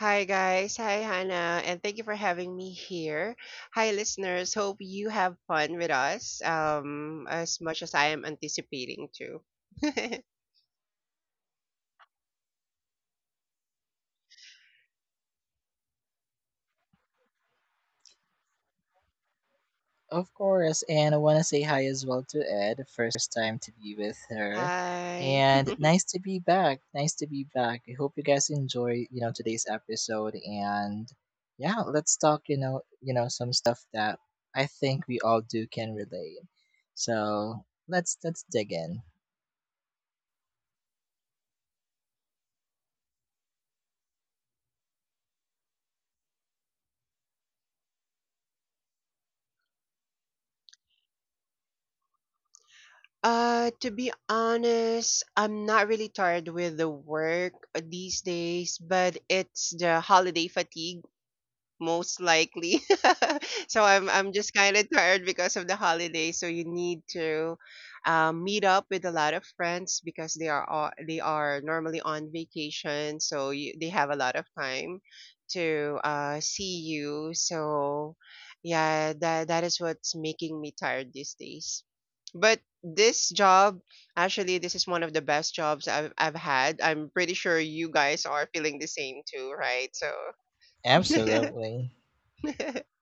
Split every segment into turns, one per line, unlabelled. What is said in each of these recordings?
Hi, guys. Hi, Hannah. And thank you for having me here. Hi, listeners. Hope you have fun with us as much as I am anticipating to.
Of course, and I want to say hi as well to Ed. First time to be with her,
Hi.
and nice to be back. Nice to be back. I hope you guys enjoy, today's episode. And yeah, let's talk, some stuff that I think we all do can relate. So let's dig in.
To be honest, I'm not really tired with the work these days, but it's the holiday fatigue most likely. So I'm just kind of tired because of the holiday. So you need to meet up with a lot of friends because they are normally on vacation. So they have a lot of time to see you. So yeah, that is what's making me tired these days. But this job, actually, this is one of the best jobs I've had. I'm pretty sure you guys are feeling the same too, right? So.
Absolutely.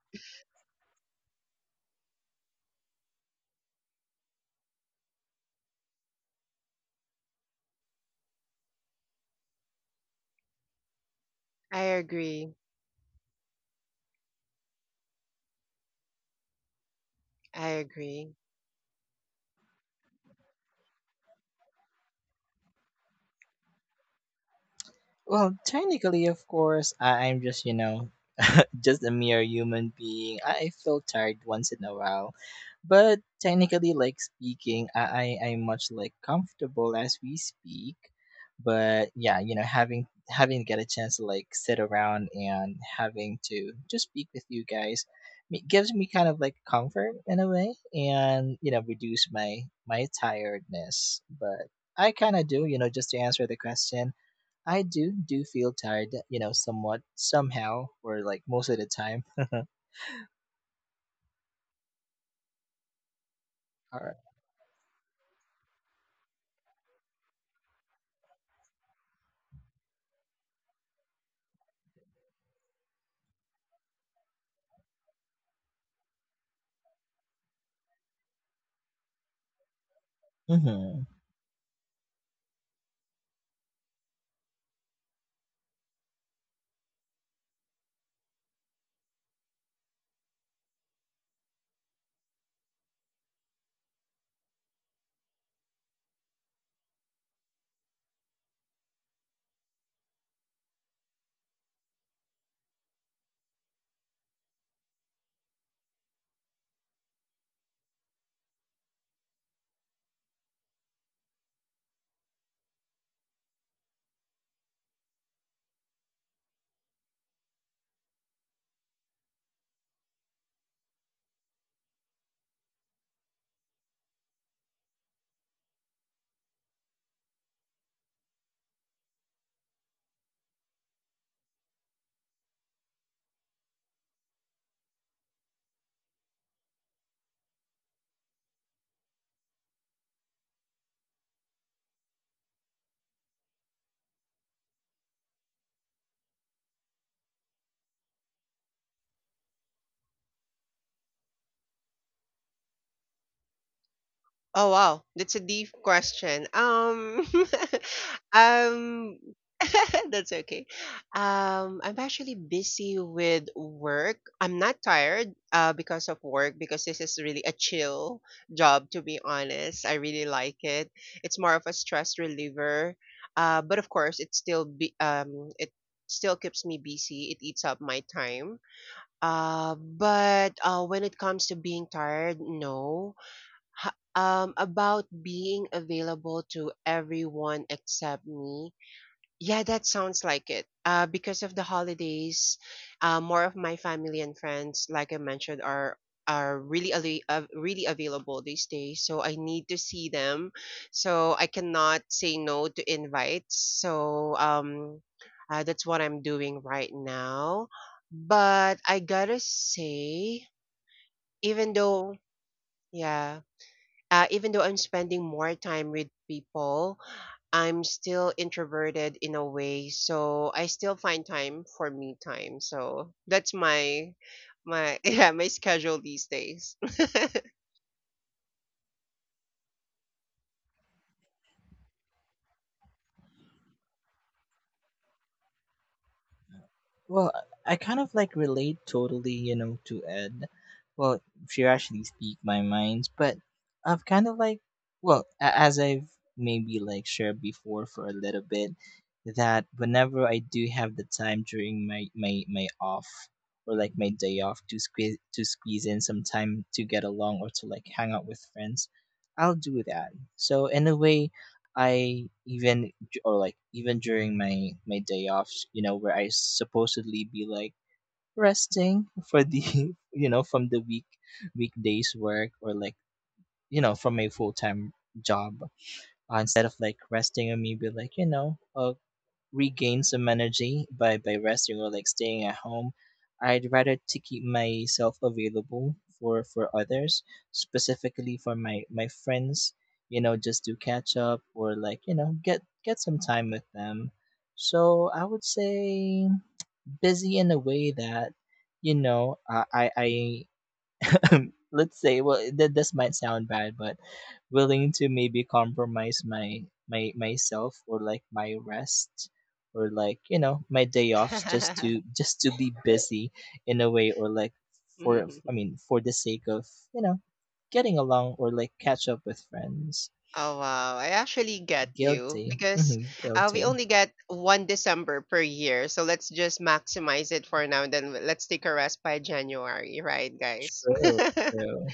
I agree. I agree.
Well, technically, of course, I'm just, just a mere human being. I feel tired once in a while. But technically, like speaking, I'm much like comfortable as we speak. But yeah, having get a chance to like sit around and having to just speak with you guys gives me kind of like comfort in a way, and you know, reduce my tiredness. But I kind of do, you know, just to answer the question, I do feel tired, somewhat somehow or like most of the time. All right. hmm
Oh wow, that's a deep question. Um, that's okay. I'm actually busy with work. I'm not tired, because of work because this is really a chill job, to be honest. I really like it. It's more of a stress reliever. But of course, it still be it still keeps me busy. It eats up my time. But when it comes to being tired, no. About being available to everyone except me, yeah, that sounds like it. Because of the holidays, more of my family and friends, like I mentioned, are really available these days. So I need to see them. So I cannot say no to invites. So that's what I'm doing right now. But I gotta say, even though, yeah. Even though I'm spending more time with people, I'm still introverted in a way, so I still find time for me time. So that's my yeah, my schedule these days.
Well, I kind of like relate totally, to Ed. Well, she actually speak my minds, but I've kind of like, well, as I've maybe like shared before for a little bit, that whenever I do have the time during my off or like my day off to squeeze in some time to get along or to like hang out with friends, I'll do that. So in a way, I even or like even during my day offs, where I supposedly be like resting for the from the week weekdays work or like from my full time job, instead of like resting and me be like, regain some energy by resting or like staying at home, I'd rather to keep myself available for others, specifically for my friends, just to catch up or like get some time with them. So I would say busy in a way that I let's say, well, that this might sound bad, but willing to maybe compromise my myself or like my rest or like, my day offs just to be busy in a way, or like, for I mean, for the sake of, you know getting along or like catch up with friends.
Oh wow, I actually get you
Guilty.
because
Mhm,
we
guilty.
only get one December per year, so let's just maximize it for now. And then let's take a rest by January, right, guys?
True, true.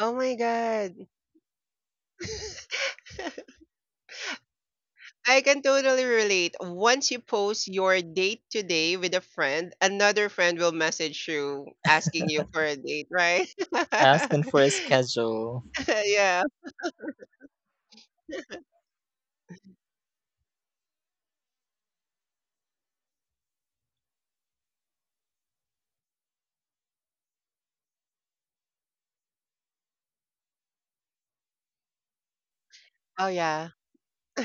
Oh my god, I can totally relate. Once you post your date today with a friend, another friend will message you asking you for a date, right?
Asking for a schedule.
Yeah. Oh yeah.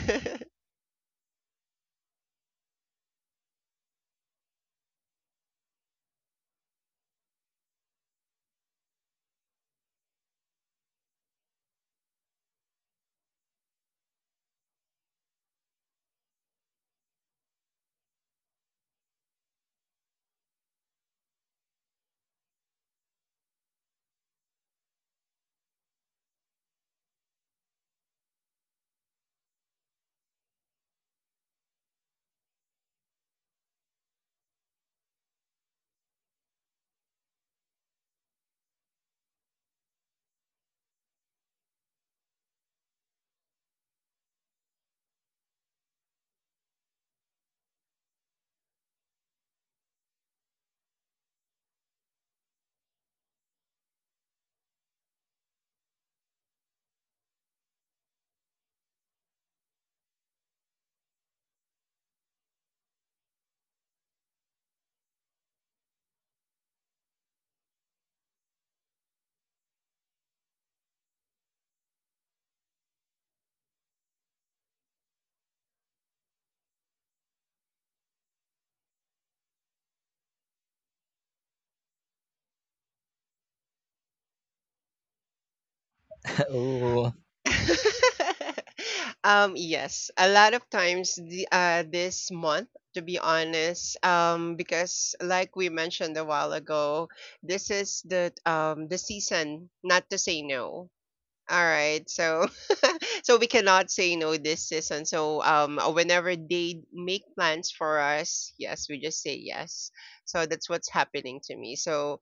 Oh,
Yes, a lot of times the this month, to be honest, because like we mentioned a while ago, this is the season not to say no, all right? So so we cannot say no this season. So whenever they make plans for us, yes, we just say yes. So that's what's happening to me. So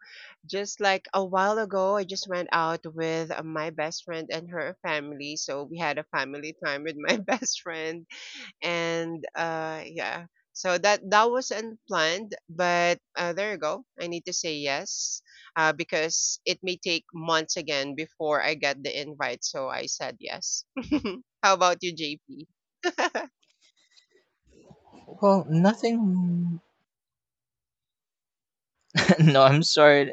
just like a while ago, I just went out with my best friend and her family. So we had a family time with my best friend and yeah, so that was unplanned, but there you go. I need to say yes, because it may take months again before I get the invite, so I said yes. How about you, JP?
well, nothing. No, I'm sorry.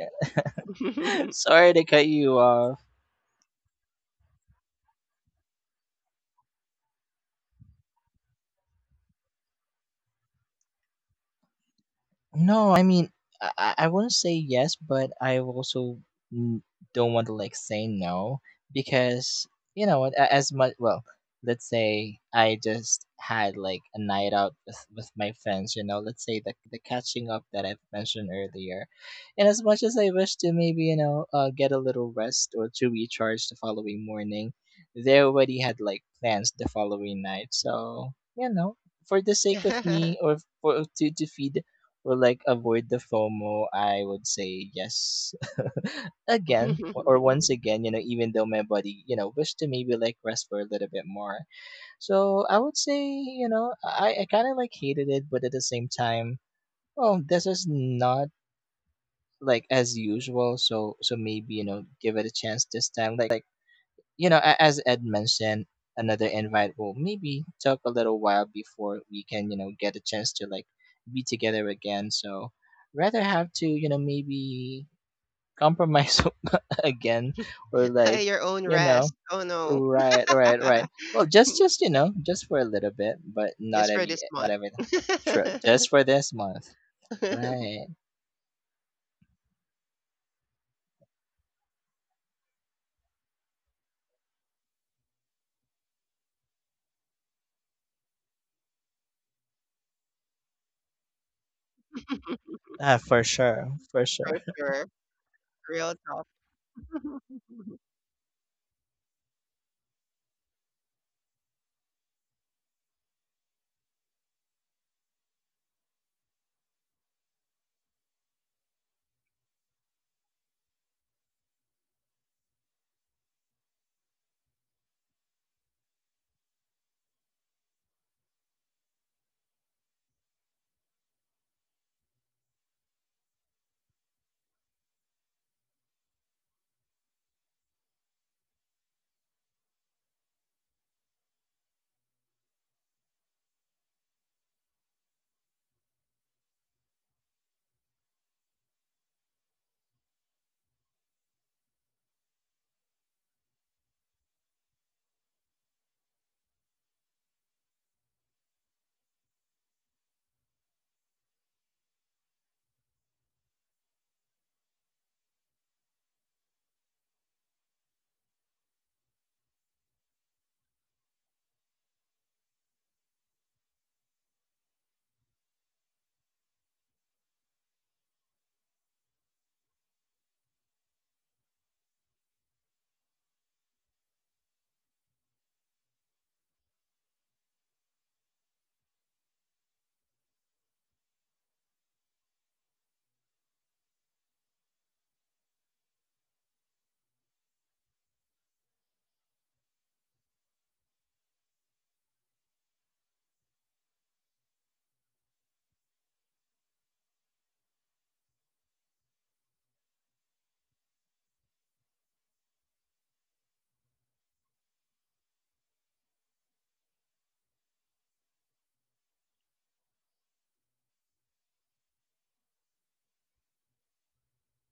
Sorry to cut you off. No, I mean, I wouldn't say yes, but I also n- don't want to like say no because you know what, as much, well, let's say I just had like a night out with, my friends, let's say the catching up that I've mentioned earlier, and as much as I wish to maybe, get a little rest or to recharge the following morning, they already had like plans the following night, so you know for the sake of me or for to feed will like avoid the FOMO, I would say yes. Again, or once again, even though my body, wished to maybe like rest for a little bit more. So I would say, I kind of like hated it, but at the same time, well, this is not like as usual. So so maybe, give it a chance this time. Like, as Ed mentioned, another invite will maybe took a little while before we can, get a chance to like be together again. So rather have to, maybe compromise again or like,
Your own
you know,
rest. Oh no,
right, right, right. Well, just, just for a little bit, but not
just for
every,
this
not
month.
every, true, just for this month,
For
right? Ah, for sure, for sure.
sure. Real talk.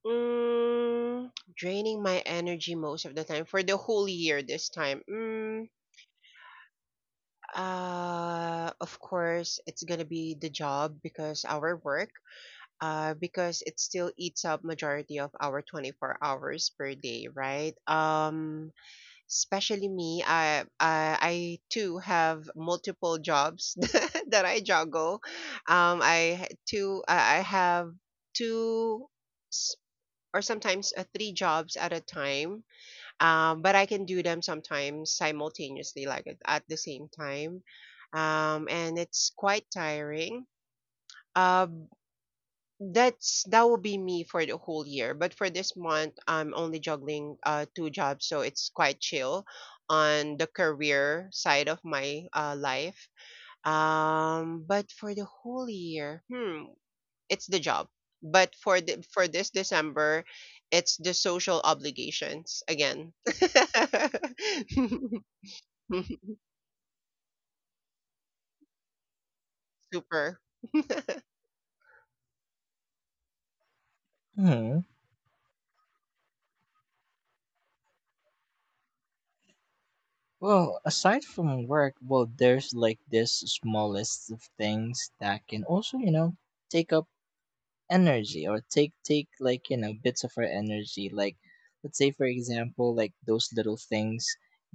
Mm, draining my energy most of the time for the whole year this time. Mm, of course, it's gonna be the job because our work, because it still eats up majority of our 24 hours per day, right? Especially me, I too have multiple jobs that I juggle. I ha- too, I have two or sometimes three jobs at a time. But I can do them sometimes simultaneously, like at the same time. And it's quite tiring. Uh, that's that will be me for the whole year. But for this month, I'm only juggling two jobs, so it's quite chill on the career side of my life. But for the whole year, hmm, it's the job. But for this December, it's the social obligations again. Super.
Well, aside from work, well, there's like this small list of things that can also, take up energy or take like bits of our energy. Like, let's say for example, like those little things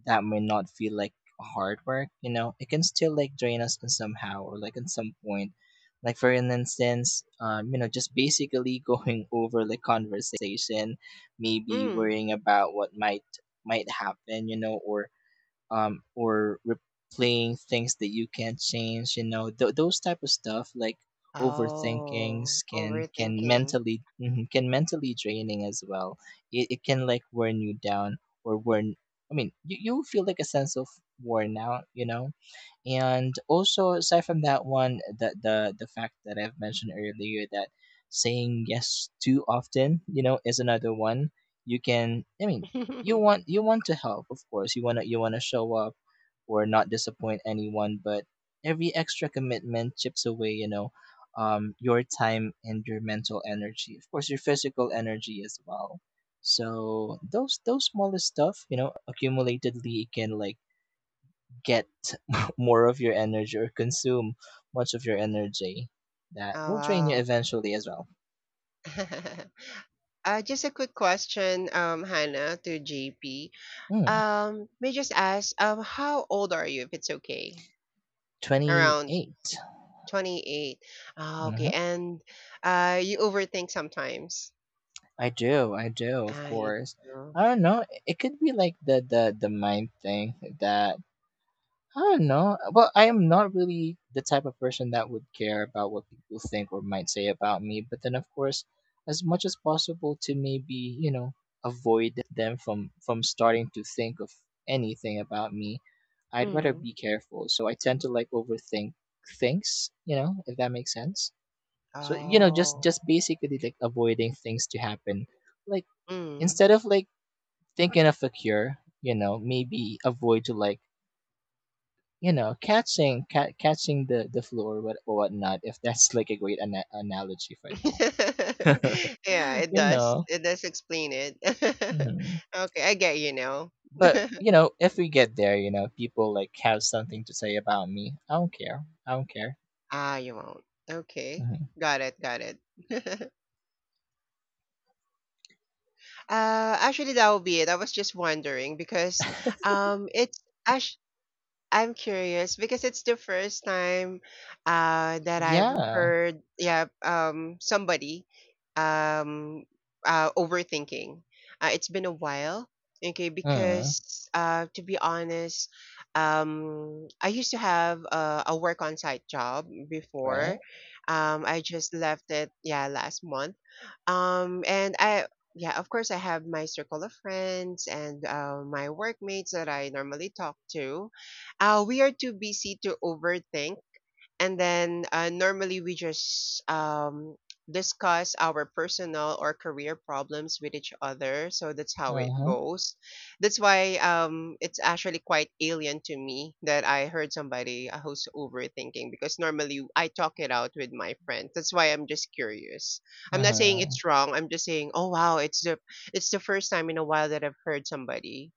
that may not feel like hard work. You know, it can still like drain us in somehow or like in some point. Like for an instance, just basically going over the conversation, maybe
Mm.
worrying about what might happen. You know, or replaying things that you can't change, those type of stuff like
Oh,
overthinkings can,
overthinking.
mentally, mhm, can mentally draining as well. It, can like wear you down or wear, I mean, you feel like a sense of worn out, and also, aside from that one, the the fact that I've mentioned earlier, that saying yes too often, is another one. You can, I mean, you
Oh
want, you want to help, of course. You wanna show up or not disappoint anyone, but every extra commitment chips away, your time and your mental energy. Of course, your physical energy as well. So those smallest stuff, accumulatedly can like get more of your energy or consume much of your energy that will drain you
wow.
eventually as well.
Just a quick question, Hannah to JP.
Mm,
May I just ask, how old are you, if it's okay? Around
28.
28. Ah, okay.
Mm-hmm.
And you overthink sometimes.
I do, of
I
course.
do.
I don't know. It could be like the the mind thing that I don't know. Well, I am not really the type of person that would care about what people think or might say about me. But then, of course, as much as possible to maybe, you know avoid them from starting to think of anything about me. I'd rather
Mm.
be careful. So I tend to like overthink things. You know, if that makes sense. So
Oh.
just basically like avoiding things to happen. Like
Mm.
instead of like thinking of a cure, maybe avoid to like, catching catching the floor, what or whatnot. If that's like a great analogy for that,
Yeah, it
you
does.
know.
It does explain it.
hmm
Okay, I get you now.
But you know, if we get there, people like have something to say about me. I don't care. I don't care.
Ah, you won't. Okay.
Hmm.
Got it, got it. Actually, that will be it. I was just wondering because it's actually. I'm curious because it's the first time that I've
Yeah.
heard, yeah, somebody, um, overthinking. It's been a while, okay?
Uh,
Because to be honest, I used to have a work on site job
right.
before. I just left it, yeah, last month, and I, yeah, of course, I have my circle of friends and my workmates that I normally talk to. We are too busy to overthink, and then normally we just discuss our personal or career problems with each other. So that's how
Uh
it
huh.
goes. That's why it's actually quite alien to me that I heard somebody who's overthinking, because normally I talk it out with my friends. That's why I'm just curious. I'm
Uh
not saying
huh.
it's wrong. I'm just saying, oh wow, it's the first time in a while that I've heard somebody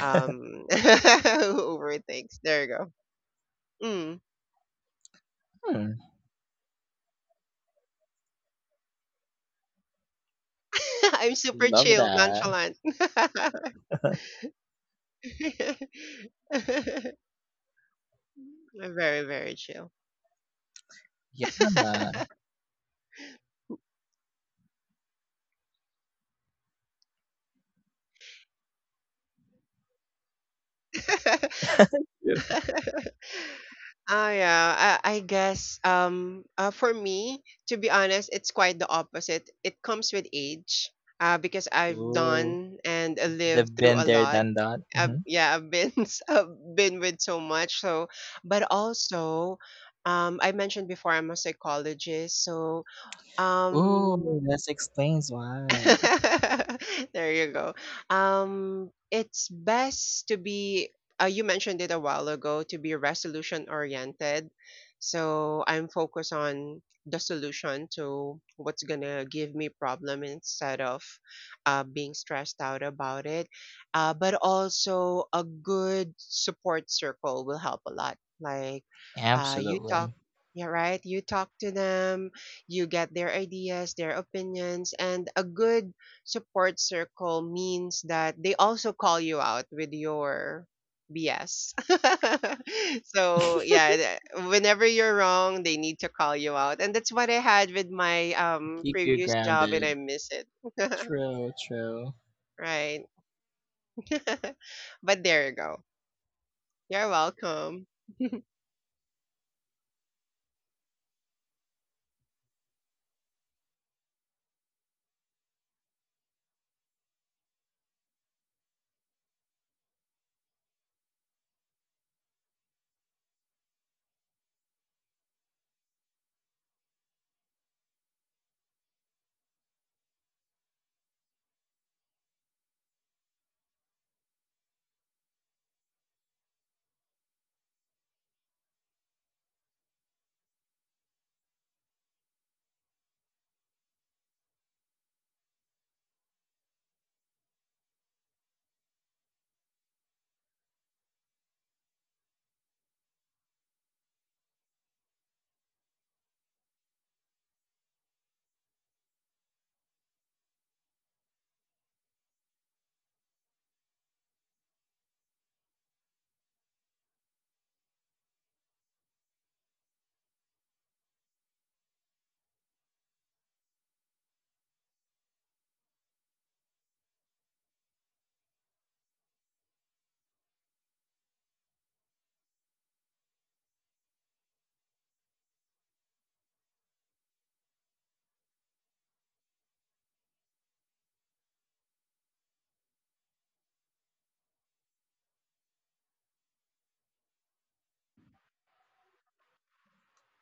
who overthinks. There you go. Mm.
Hmm.
I'm super
Love
chill,
that.
nonchalant. Very, very chill.
Yeah. Yeah.
Oh yeah, I guess for me, to be honest, it's quite the opposite. It comes with age, because I've
Ooh,
done and
the
lived through a
been there,
lot.
done that. Mm-hmm.
Yeah, I've been I've been with so much. So, but also, I mentioned before I'm a psychologist. So,
Ooh,
um,
this explains why.
there you go. It's best to be. You mentioned it a while ago to be resolution oriented. So I'm focused on the solution to what's gonna give me problem instead of being stressed out about it. But also a good support circle will help a lot. Like you talk,
Absolutely.
yeah, right? You talk to them, you get their ideas, their opinions, and a good support circle means that they also call you out with your BS. So yeah, whenever you're wrong, they need to call you out, and that's what I had with my
Keep you
previous job, and
grounded.
I miss it.
True, true.
Right. But there you go. You're welcome.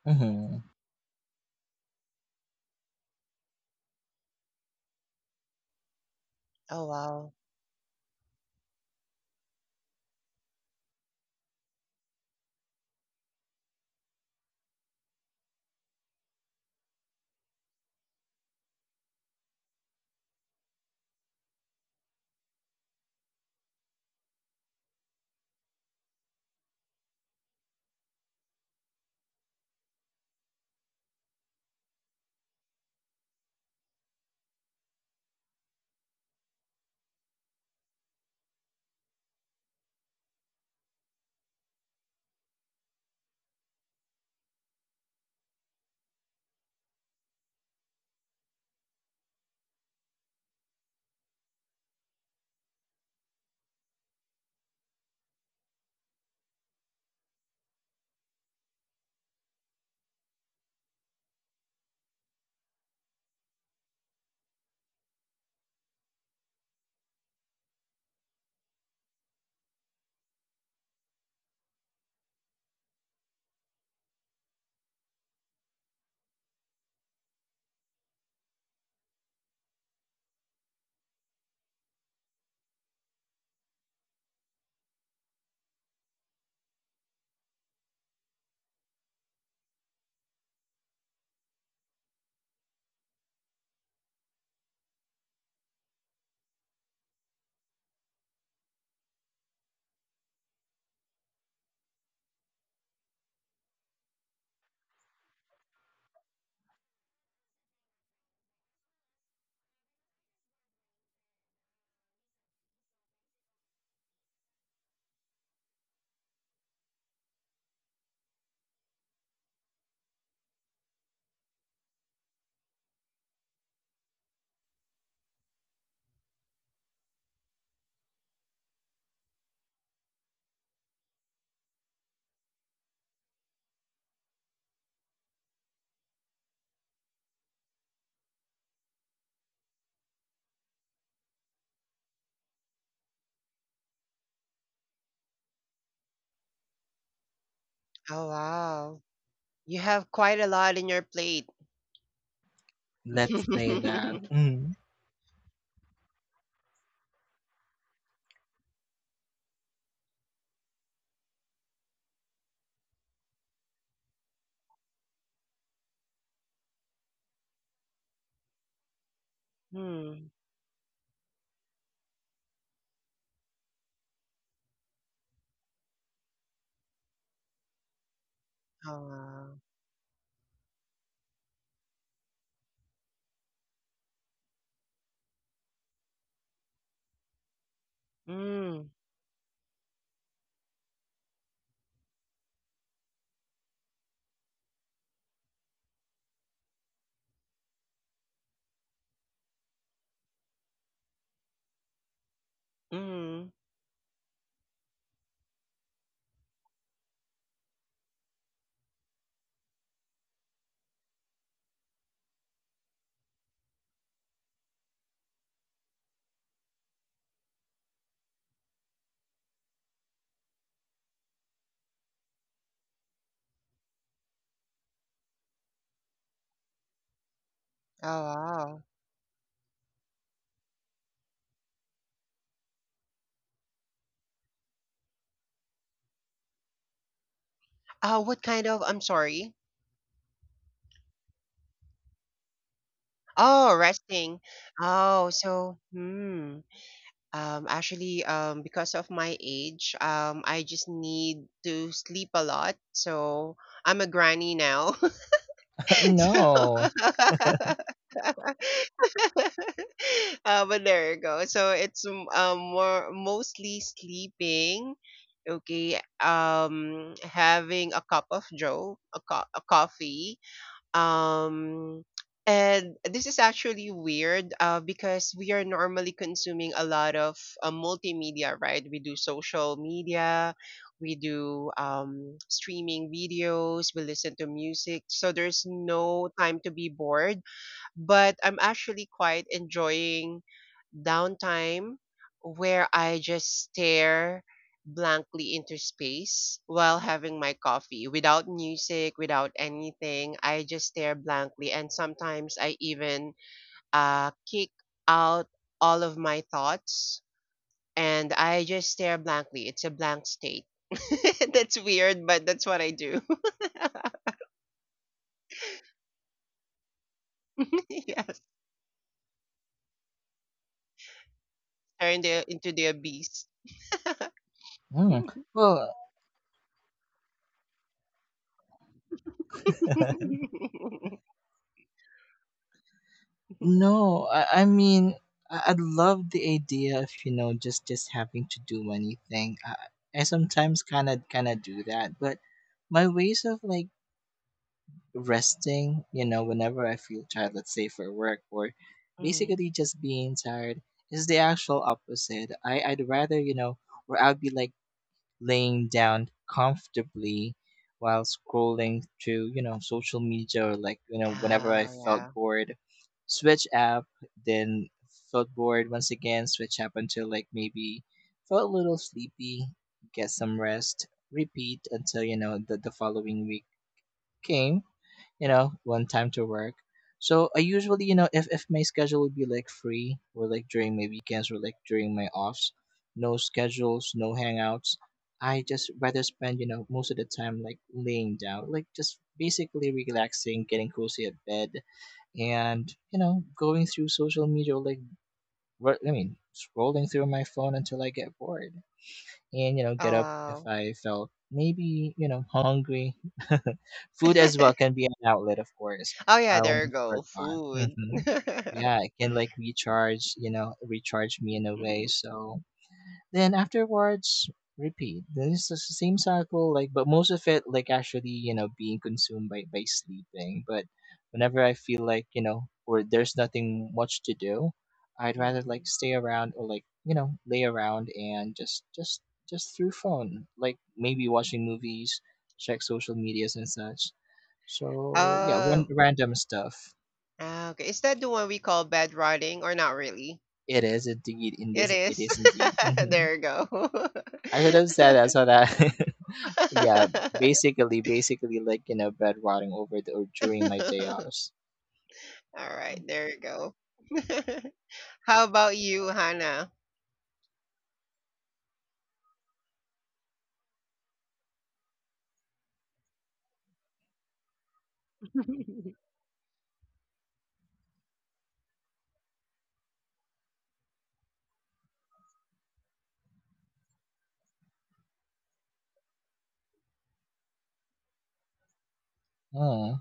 Hmm.
Oh wow. Oh wow. You have quite a lot in your plate.
Let's say that.
Hmm.
Mm.
Oh wow. Mm, mm. Oh, wow. Oh, what kind of, I'm sorry. Oh, resting. Oh, so, hmm. Actually, because of my age, I just need to sleep a lot. So I'm a granny now. So,
No.
but there you go. So it's more mostly sleeping. Okay. Having a cup of joe, a coffee. Um, and this is actually weird because we are normally consuming a lot of multimedia, right? We do social media, we do streaming videos, we listen to music. So there's no time to be bored, but I'm actually quite enjoying downtime where I just stare blankly into space while having my coffee without music, without anything. I just stare blankly, and sometimes I even kick out all of my thoughts and I just stare blankly. It's a blank state. That's weird, but that's what I do. Yes, turn into the abyss.
Mm. Well, no. I mean, I love the idea of, just having to do anything. I sometimes kind of do that, but my ways of like resting, whenever I feel tired, let's say for work or
Mhm.
basically just being tired, is the actual opposite. I'd rather, or I'd be like laying down comfortably while scrolling through, social media, or like, whenever I
Oh,
felt
yeah.
bored, switch app, then felt bored once again, switch app until like maybe felt a little sleepy, get some rest, repeat until, the, following week came, one time to work. So I usually, if, my schedule would be like free or like during my weekends or like during my offs, no schedules, no hangouts, I just rather spend, most of the time like laying down, like just basically relaxing, getting cozy at bed and, going through social media or like, I mean, scrolling through my phone until I get bored and, get
Oh,
up if
wow.
I felt, maybe, hungry. Food as well can be an outlet, of course.
Oh,
I
yeah, there you
almost
go.
forgot.
Food.
Hmm. Yeah, it can like recharge, recharge me in a way. So then afterwards, repeat. Then it's the same cycle, like, but most of it, like, actually, being consumed by, sleeping. But whenever I feel like, or there's nothing much to do, I'd rather, like,
Mhm.
stay around or, like, lay around and just through phone, like, maybe watching movies, check social medias and such. So, yeah,
Uh,
random stuff.
okay. Is that the one we call bad riding or not really?
It is indeed, in
It
this, it
is.
is indeed. Mm-hmm.
There you go.
I should have said that so that yeah, basically like, bed rotting over the or during my day offs.
All right, there you go. How about you, Hannah?
Hmm.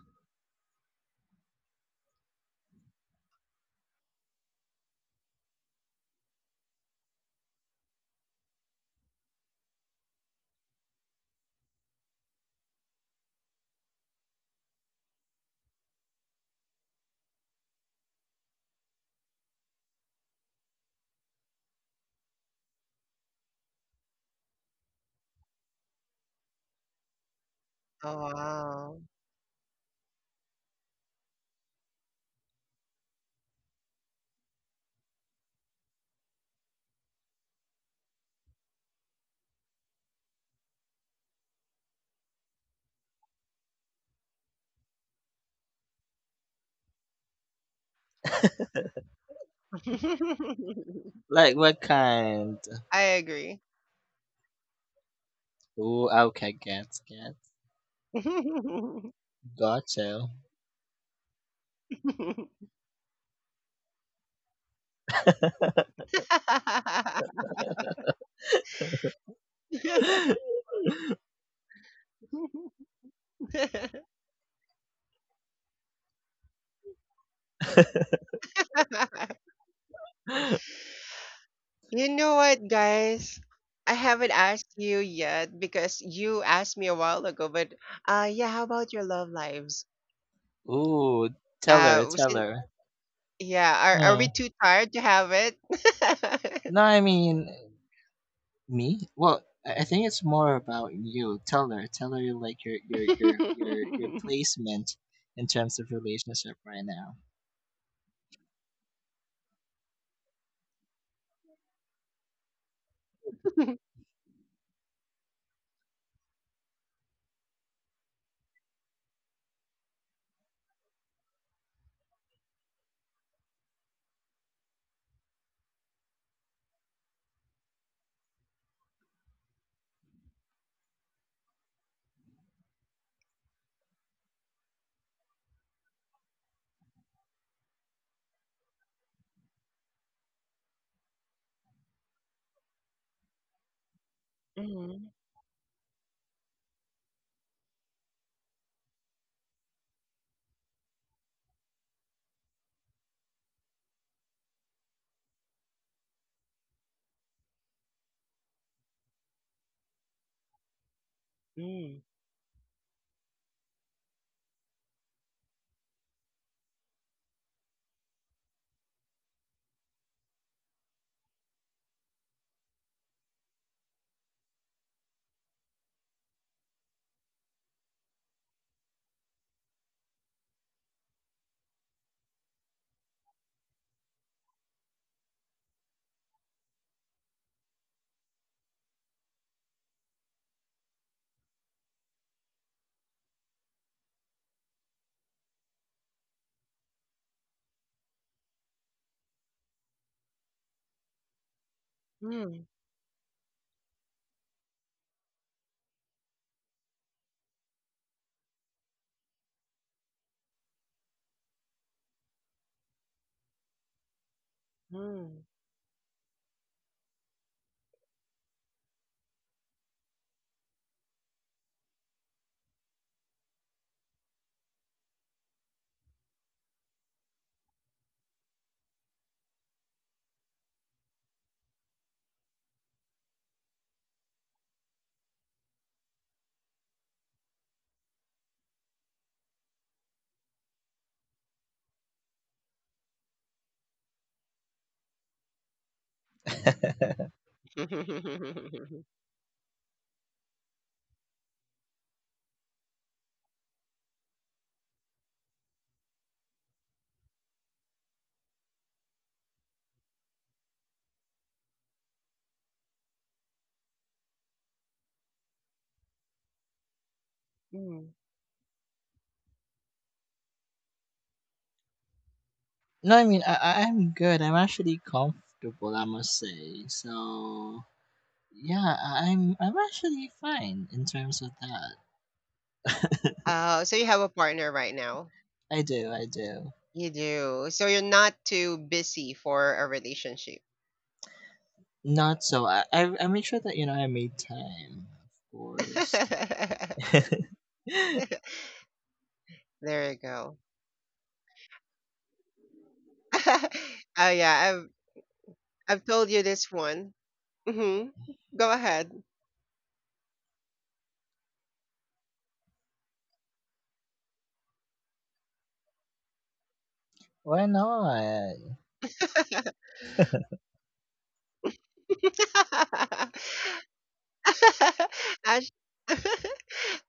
Oh, wow.
Like what kind?
I agree.
Ooh, okay, get gotcha.
You know what, guys? I haven't asked you yet because you asked me a while ago, but yeah, how about your love lives?
Ooh, tell her, tell
Sin
her.
yeah, are
Hmm.
we too tired to have it?
No, I mean me. Well, I think it's more about you. Tell her like your your placement in terms of relationship right
Mm, mm, mm, mm.
now.
Mm.
No, I mean, I'm good. I'm actually comfortable, I must say. So yeah, I'm actually fine in terms of that.
So you have a partner right now.
I do, I do.
You do. So you're not too busy for a relationship.
Not so I make sure that, I made time, of course.
There you go. Oh yeah, I've told you this one. Hmm. Go ahead.
Why not?
Act-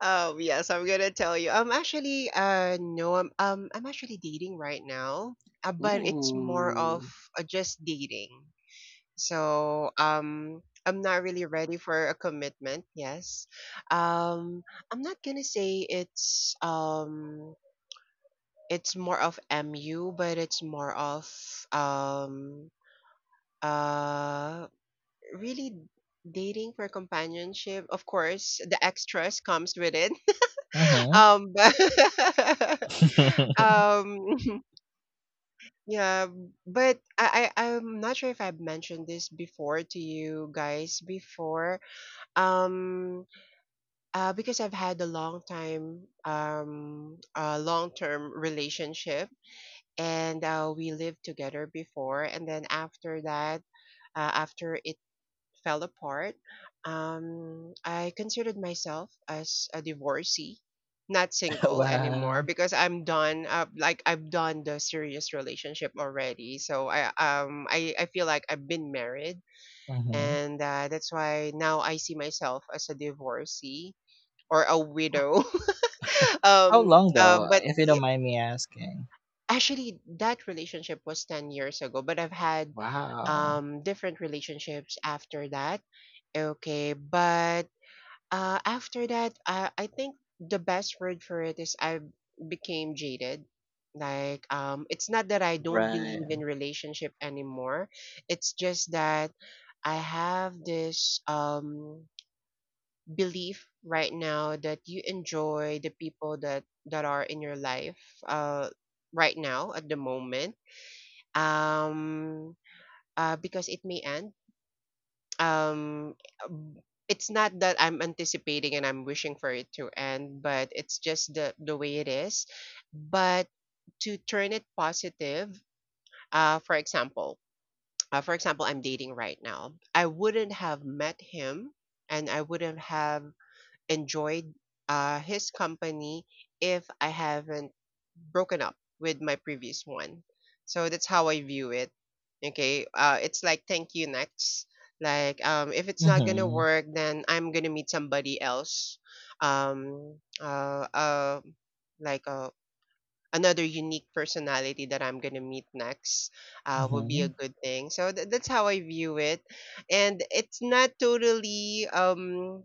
yes, I'm gonna tell you. I'm actually no, I'm actually dating right now, but it's more of
Ooh.
just dating. So I'm not really ready for a commitment. Yes, um I'm not gonna say it's more of mu, but it's more of um Uh, really dating for companionship. Of course, the extras comes with it.
Uh-huh.
But um, yeah, but I'm not sure if I've mentioned this before to you guys before. Um, because I've had a long time, a long-term relationship. And we lived together before, and then after that, after it fell apart, I considered myself as a divorcee, not single anymore
Wow.
because I'm done. Like I've done the serious relationship already, so I feel like I've been married,
Uh-huh.
and that's why now I see myself as a divorcee or a
H-
widow.
How
um,
long
uh,
though,
but
if you don't mind me asking?
actually, that relationship was 10 years ago, but I've had
Wow.
different relationships after that. Okay, but after that, I think the best word for it is I became jaded. Like, it's not that I don't
Right.
believe in relationship anymore. It's just that I have this belief right now that you enjoy the people that are in your life uh right now at the moment. Um, because it may end. um um, it's not that I'm anticipating and I'm wishing for it to end, but it's just the way it is. But to turn it positive, uh for example for example, I'm dating right now. I wouldn't have met him, and I wouldn't have enjoyed his company if I haven't broken up with my previous one. So that's how I view it. Okay, it's like thank you next. Like, if it's not gonna
Mm-hmm.
work, then I'm gonna meet somebody else. Um, uh, uh, like, another unique personality that I'm gonna meet next will be
Mm-hmm.
a good thing. So that's how I view it, and it's not totally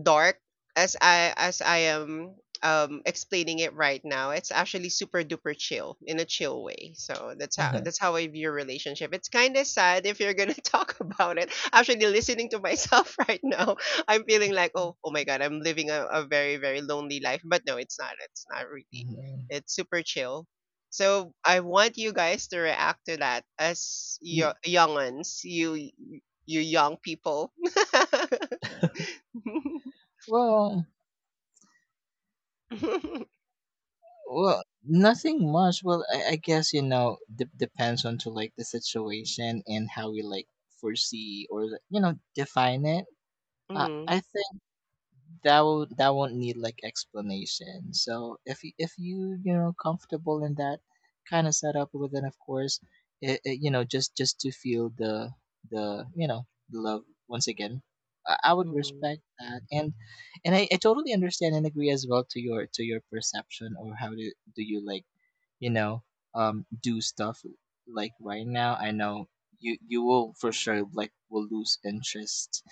dark as I am explaining it right now. It's actually super duper chill in a chill way. So that's how
Uh-huh.
that's how I view relationship. It's kind of sad if you're gonna talk about it. Actually, listening to myself right now, I'm feeling like oh my god, I'm living a very very lonely life. But no, it's not. It's not really.
Mhm.
It's super chill. So I want you guys to react to that as
N-
young ones, you young people.
Well, well, nothing much. Well, I guess depends on to like the situation, and how we like foresee, or like, define it. I
Mm,
think that won't need like explanation. So if you you know comfortable in that kind of setup. But then, of course, it, just to feel the the love once again. I would respect
mm.
that, and I totally understand and agree as well to your perception, or how do you like, you know, do stuff. Like right now, I know you will for sure like will lose interest.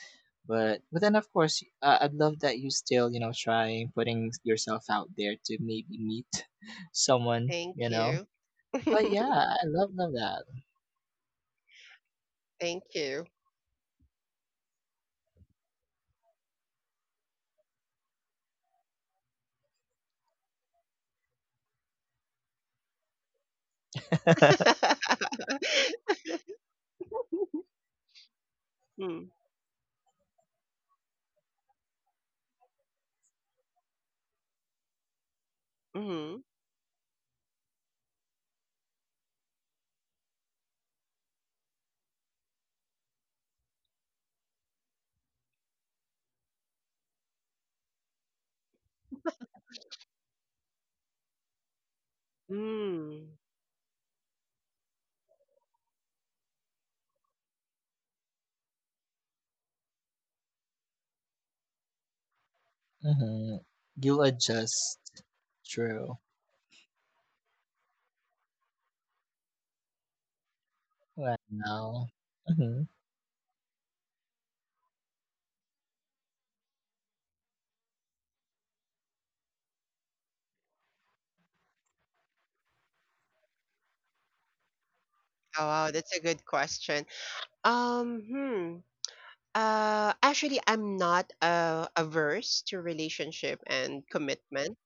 But then, of course, I'd love that you still trying, putting yourself out there to maybe meet someone, you
Thank
know.
you.
But yeah, I love that.
Thank you. Mm, mhm, mm.
Hmm. You'll adjust. True. Wow. Mm-hmm.
Oh, wow, that's a good question. Um, hmm. Actually, I'm not averse to relationship and commitment.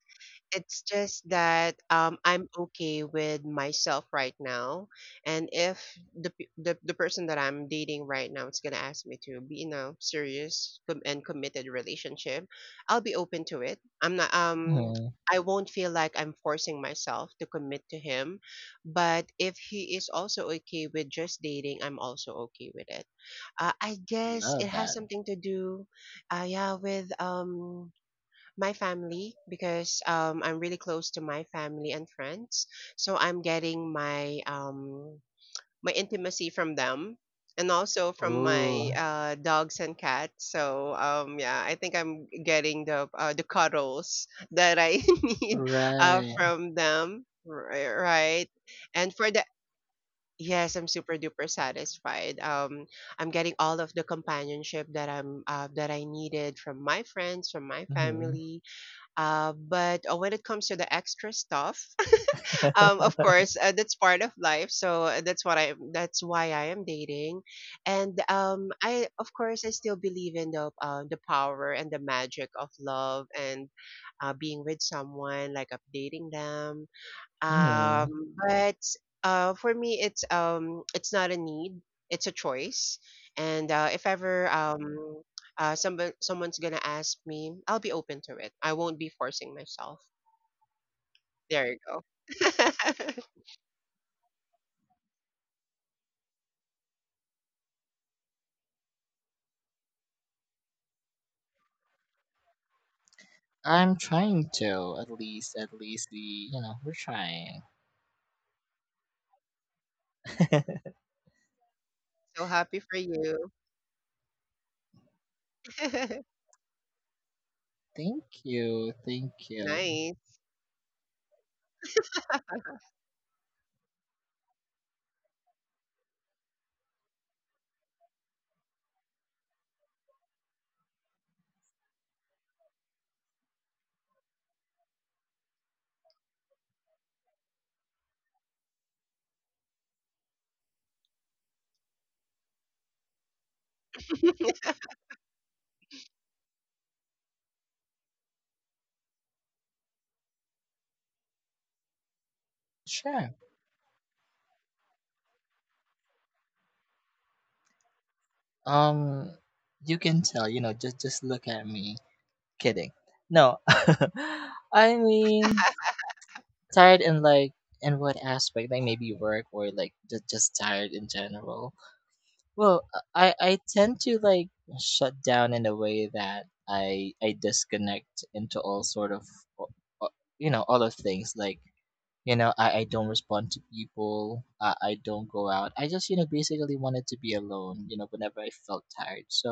It's just that I'm okay with myself right now, and if the, p- the person that I'm dating right now is gonna ask me to be in a serious and committed relationship, I'll be open to it.
Hmm.
I won't feel like I'm forcing myself to commit to him, but if he is also okay with just dating, I'm also okay with it. I guess
Love
it has
that.
something to do, yeah, with my family because I'm really close to my family and friends. So I'm getting my intimacy from them and also from my
Oh,
dogs and cats. So, yeah, I think I'm getting the cuddles that I need
right.
from them. Right. And for the yes, I'm super duper satisfied. I'm getting all of the companionship that I needed from my friends, from my family, but when it comes to the extra stuff, of
Mm-hmm.
course, that's part of life. So that's why I am dating, and I of course I still believe in the power and the magic of love and being with someone, like updating them, but for me, it's not a need; it's a choice. And if ever, somebody someone's gonna ask me, I'll be open to it. I won't be forcing myself. There you go.
I'm trying to, at least the you know we're trying.
So happy for you.
Thank you, thank you.
Nice.
Sure. Um, you can tell. Just look at me. Kidding. No, I mean, tired in like, in what aspect? Like maybe work, or like, just tired in general. Well, I tend to like shut down in a way that I disconnect into all sort of, all of things, like, I don't respond to people. I don't go out. I just, basically wanted to be alone, whenever I felt tired. So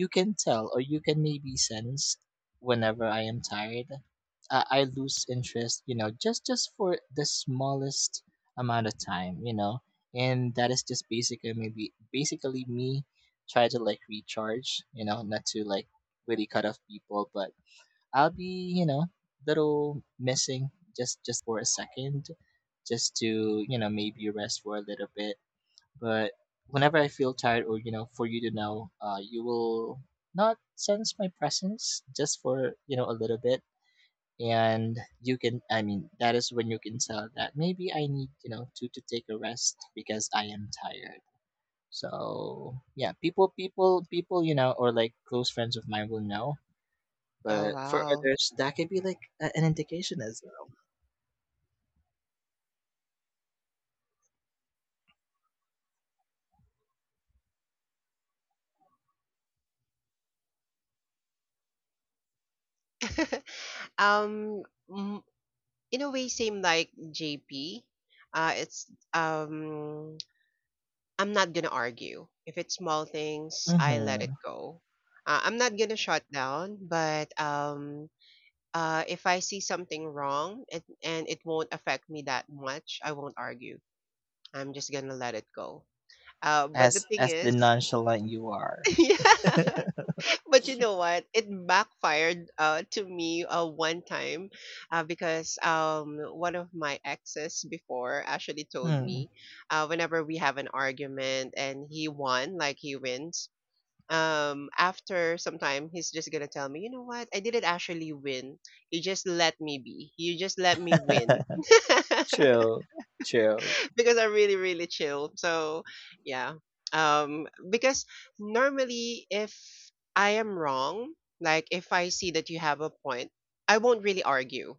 you can tell, or you can maybe sense whenever I am tired. I lose interest, just for the smallest amount of time. And that is just basically maybe basically me try to like recharge, not to like really cut off people. But I'll be, little missing just for a second, just to, maybe rest for a little bit. But whenever I feel tired, or, for you to know, you will not sense my presence just for, a little bit. And you can I mean, that is when you can tell that maybe I need, to take a rest because I am tired. So yeah, people, or like close friends of mine will know,
Oh
but for
wow.
others, that could be like an indication as
um, mm, in a way, same like JP. It's I'm not gonna argue. If it's small things,
well.
I let it
Mm-hmm.
go. I'm not gonna shut down, but if I see something wrong and it won't affect me that much, I won't argue. I'm just gonna let it go. But the
As
thing
as the
is,
nonchalant you are.
yeah. But you know what? It backfired to me one time because one of my exes before actually told
Hmm.
me, whenever we have an argument and he won, like he wins, after some time he's just gonna tell me, you know what, I didn't actually win. You just let me be. You just let me win
True. True.
because I'm really really chill. So yeah, because normally if I am wrong, like if I see that you have a point, I won't really argue.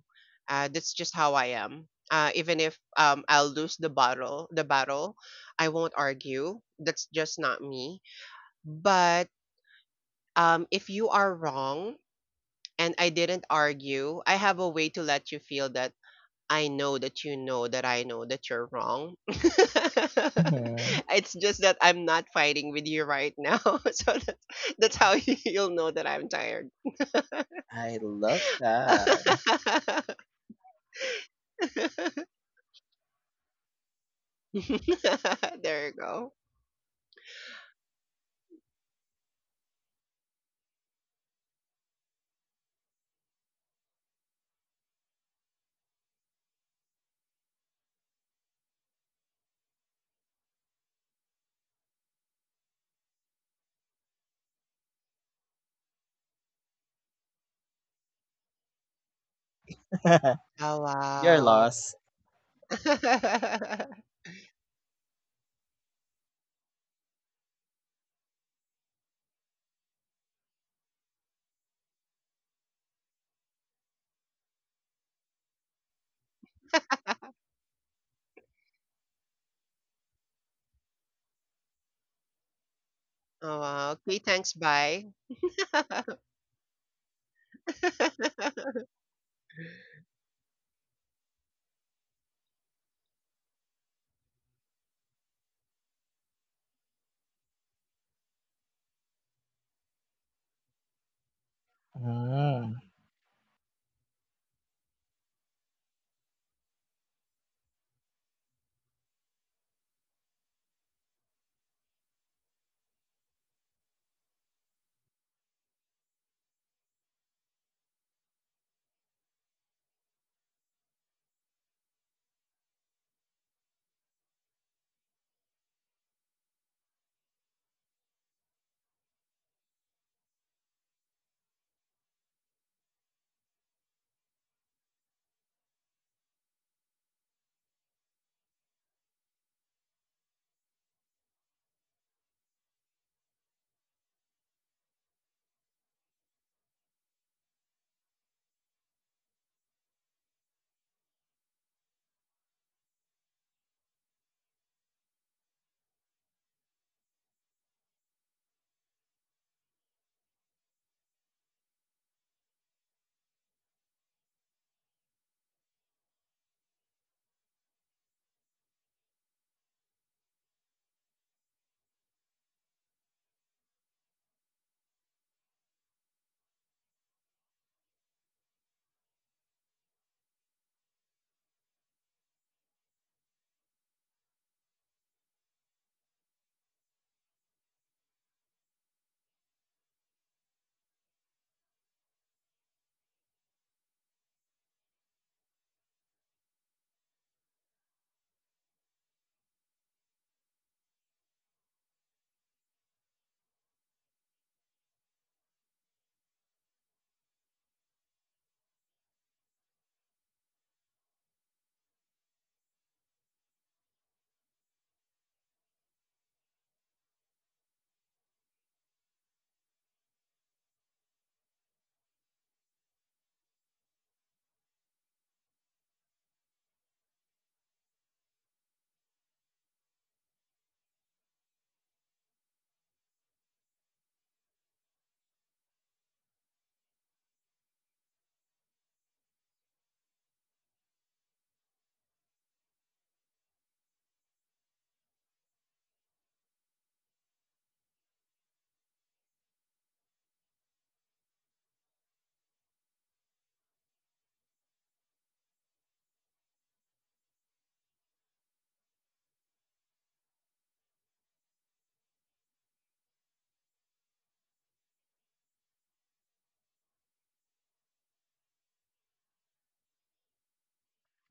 That's just how I am. Even if I'll lose the battle, I won't argue. That's just not me. But if you are wrong and I didn't argue, I have a way to let you feel that I know that you know that I know that you're wrong.
Mm-hmm.
It's just that I'm not fighting with you right now. So that's how you'll know that I'm tired.
I love that.
There you go. Oh,
Your
wow.
loss.
Oh, wow. Okay, thanks. Bye.
Mm.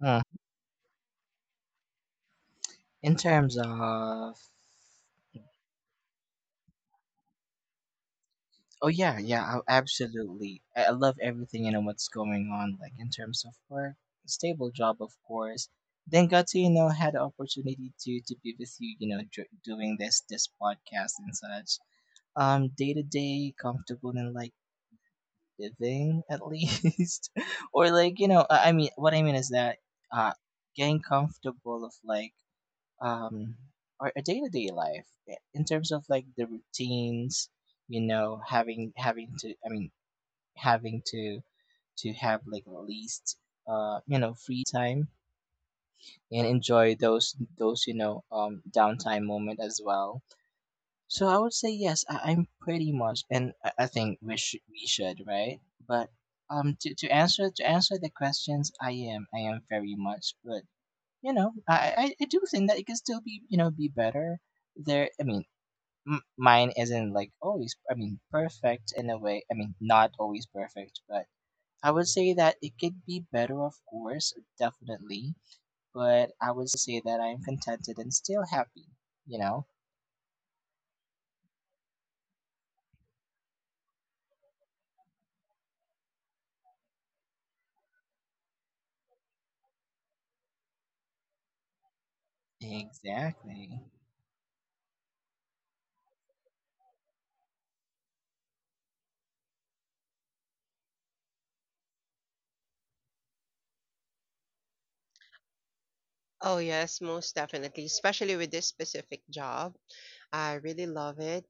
Mm. In terms of Oh yeah, yeah, absolutely. I love everything, what's going on, like in terms of work, stable job, of course. Then got to, had the opportunity to be with you, doing this podcast and such. Day to day, comfortable and like living, at least, or like, I mean, what I mean is that, uh, getting comfortable of, like, um or a day to day life, in terms of like the routines, having to, I mean, having to have, like, at least, free time and enjoy those downtime moment as well. So I would say yes. I'm pretty much. And I think we should, right? But, to answer the questions, I am very much. But I do think that it can still be you know be better there. I mean, mine isn't like always, I mean, perfect in a way. I mean, not always perfect. But I would say that it could be better, of course, definitely. But I would say that I'm contented and still happy, you know? Exactly.
Oh, yes, most definitely, especially with this specific job. I really love it.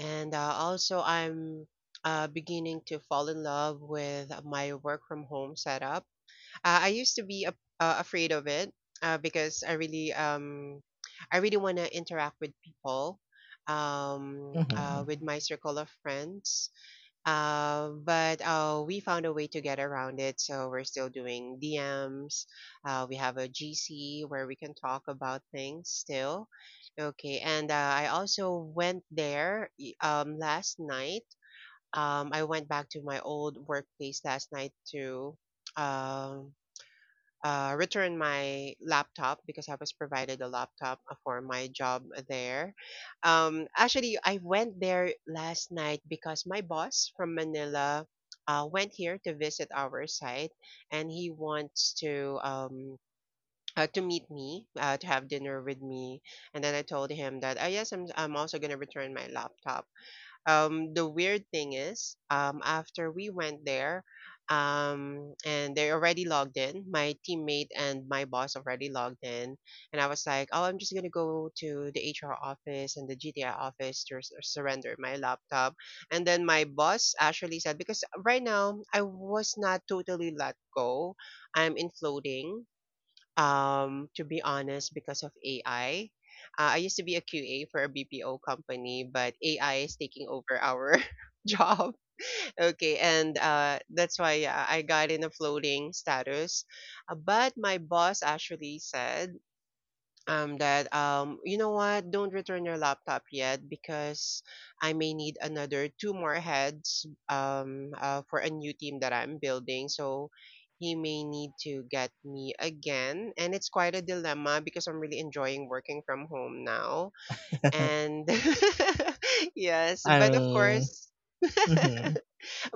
And also I'm beginning to fall in love with my work from home setup. I used to be afraid of it because I really want to interact with people
Hmm.
with my circle of friends, but we found a way to get around it. So we're still doing DMs. We have a GC where we can talk about things still. Okay, and I also went there last night. I went back to my old workplace last night to um return my laptop because I was provided a laptop for my job there. Actually, I went there last night because my boss from Manila went here to visit our site, and he wants to meet me to have dinner with me. And then I told him that, ah, yes, I'm also going to return my laptop. The weird thing is, after we went there, and they already logged in, my teammate and my boss already logged in, and I was like, oh, I'm just going to go to the HR office and the GTI office to surrender my laptop. And then my boss actually said, because right now I was not totally let go, I'm in floating, to be honest, because of AI. I used to be a QA for a BPO company, but AI is taking over our job. Okay, and that's why I got in a floating status. But my boss actually said, that, you know what, don't return your laptop yet because I may need another two more heads, for a new team that I'm building. So he may need to get me again. And it's quite a dilemma because I'm really enjoying working from home now. And yes,
I
but of
mean,
course,
hmm,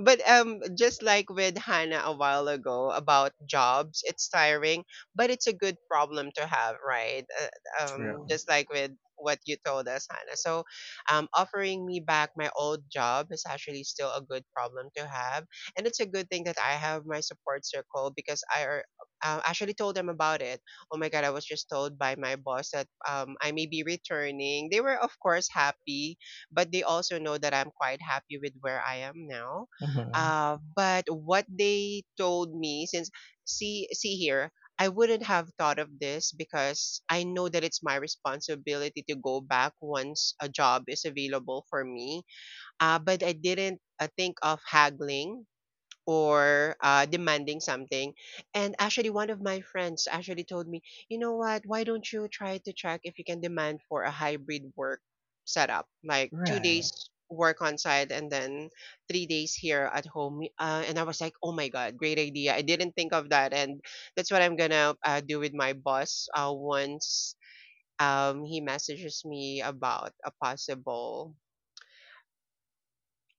but just like with Hannah a while ago about jobs, it's tiring, but it's a good problem to have, right?
true.
Just like with what you told us, Hannah. So, offering me back my old job is actually still a good problem to have, and it's a good thing that I have my support circle because I are actually told them about it. Oh my god, I was just told by my boss that I may be returning. They were of course happy but they also know that I'm quite happy with where I am now.
Hmm.
But what they told me, since see here, I wouldn't have thought of this because I know that it's my responsibility to go back once a job is available for me. But I didn't think of haggling or demanding something. And actually, one of my friends actually told me, you know what? Why don't you try to check if you can demand for a hybrid work setup, like two
Right.
days work on site and then 3 days here at home. And I was like, oh my god, great idea! I didn't think of that, and that's what I'm gonna do with my boss once he messages me about a possible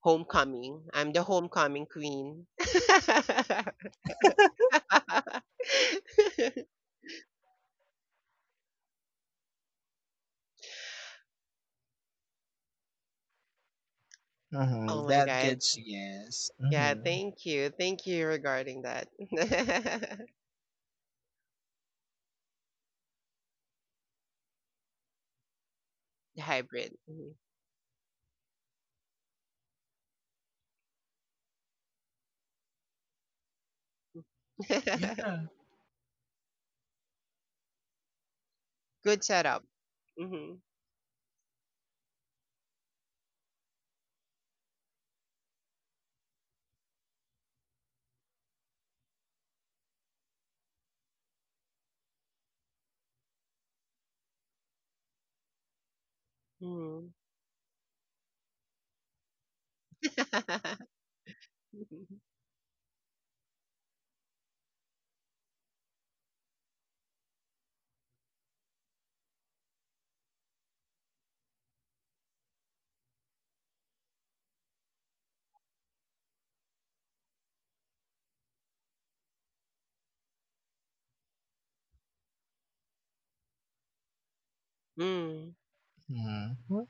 homecoming. I'm the homecoming queen.
Hmm.
Oh my
That
god.
gets, yes.
Yeah,
Hmm.
thank you. Thank you regarding that. The hybrid. Mhm.
Yeah.
Good setup. Mm-hmm. Mm. Mm.
Hmm.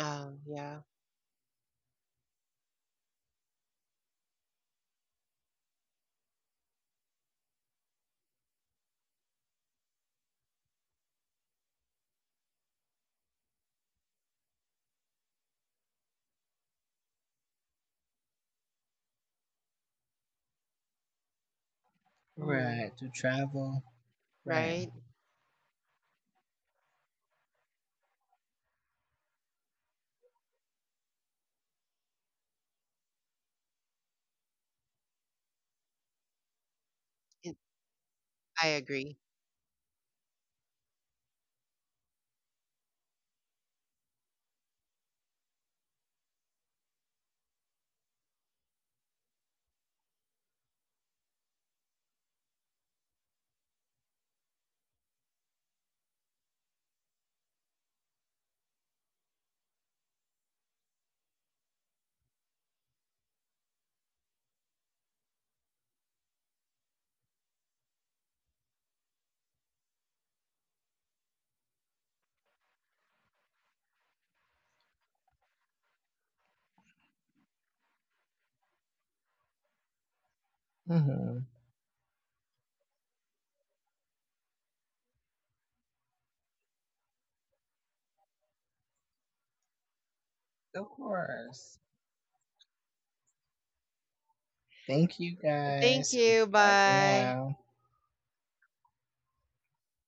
Oh, yeah. Mm.
Right. To travel. Right.
Right? It- I agree.
Hmm. Of course. Thank you
Thank
guys.
you.
Bye for
Bye.
now.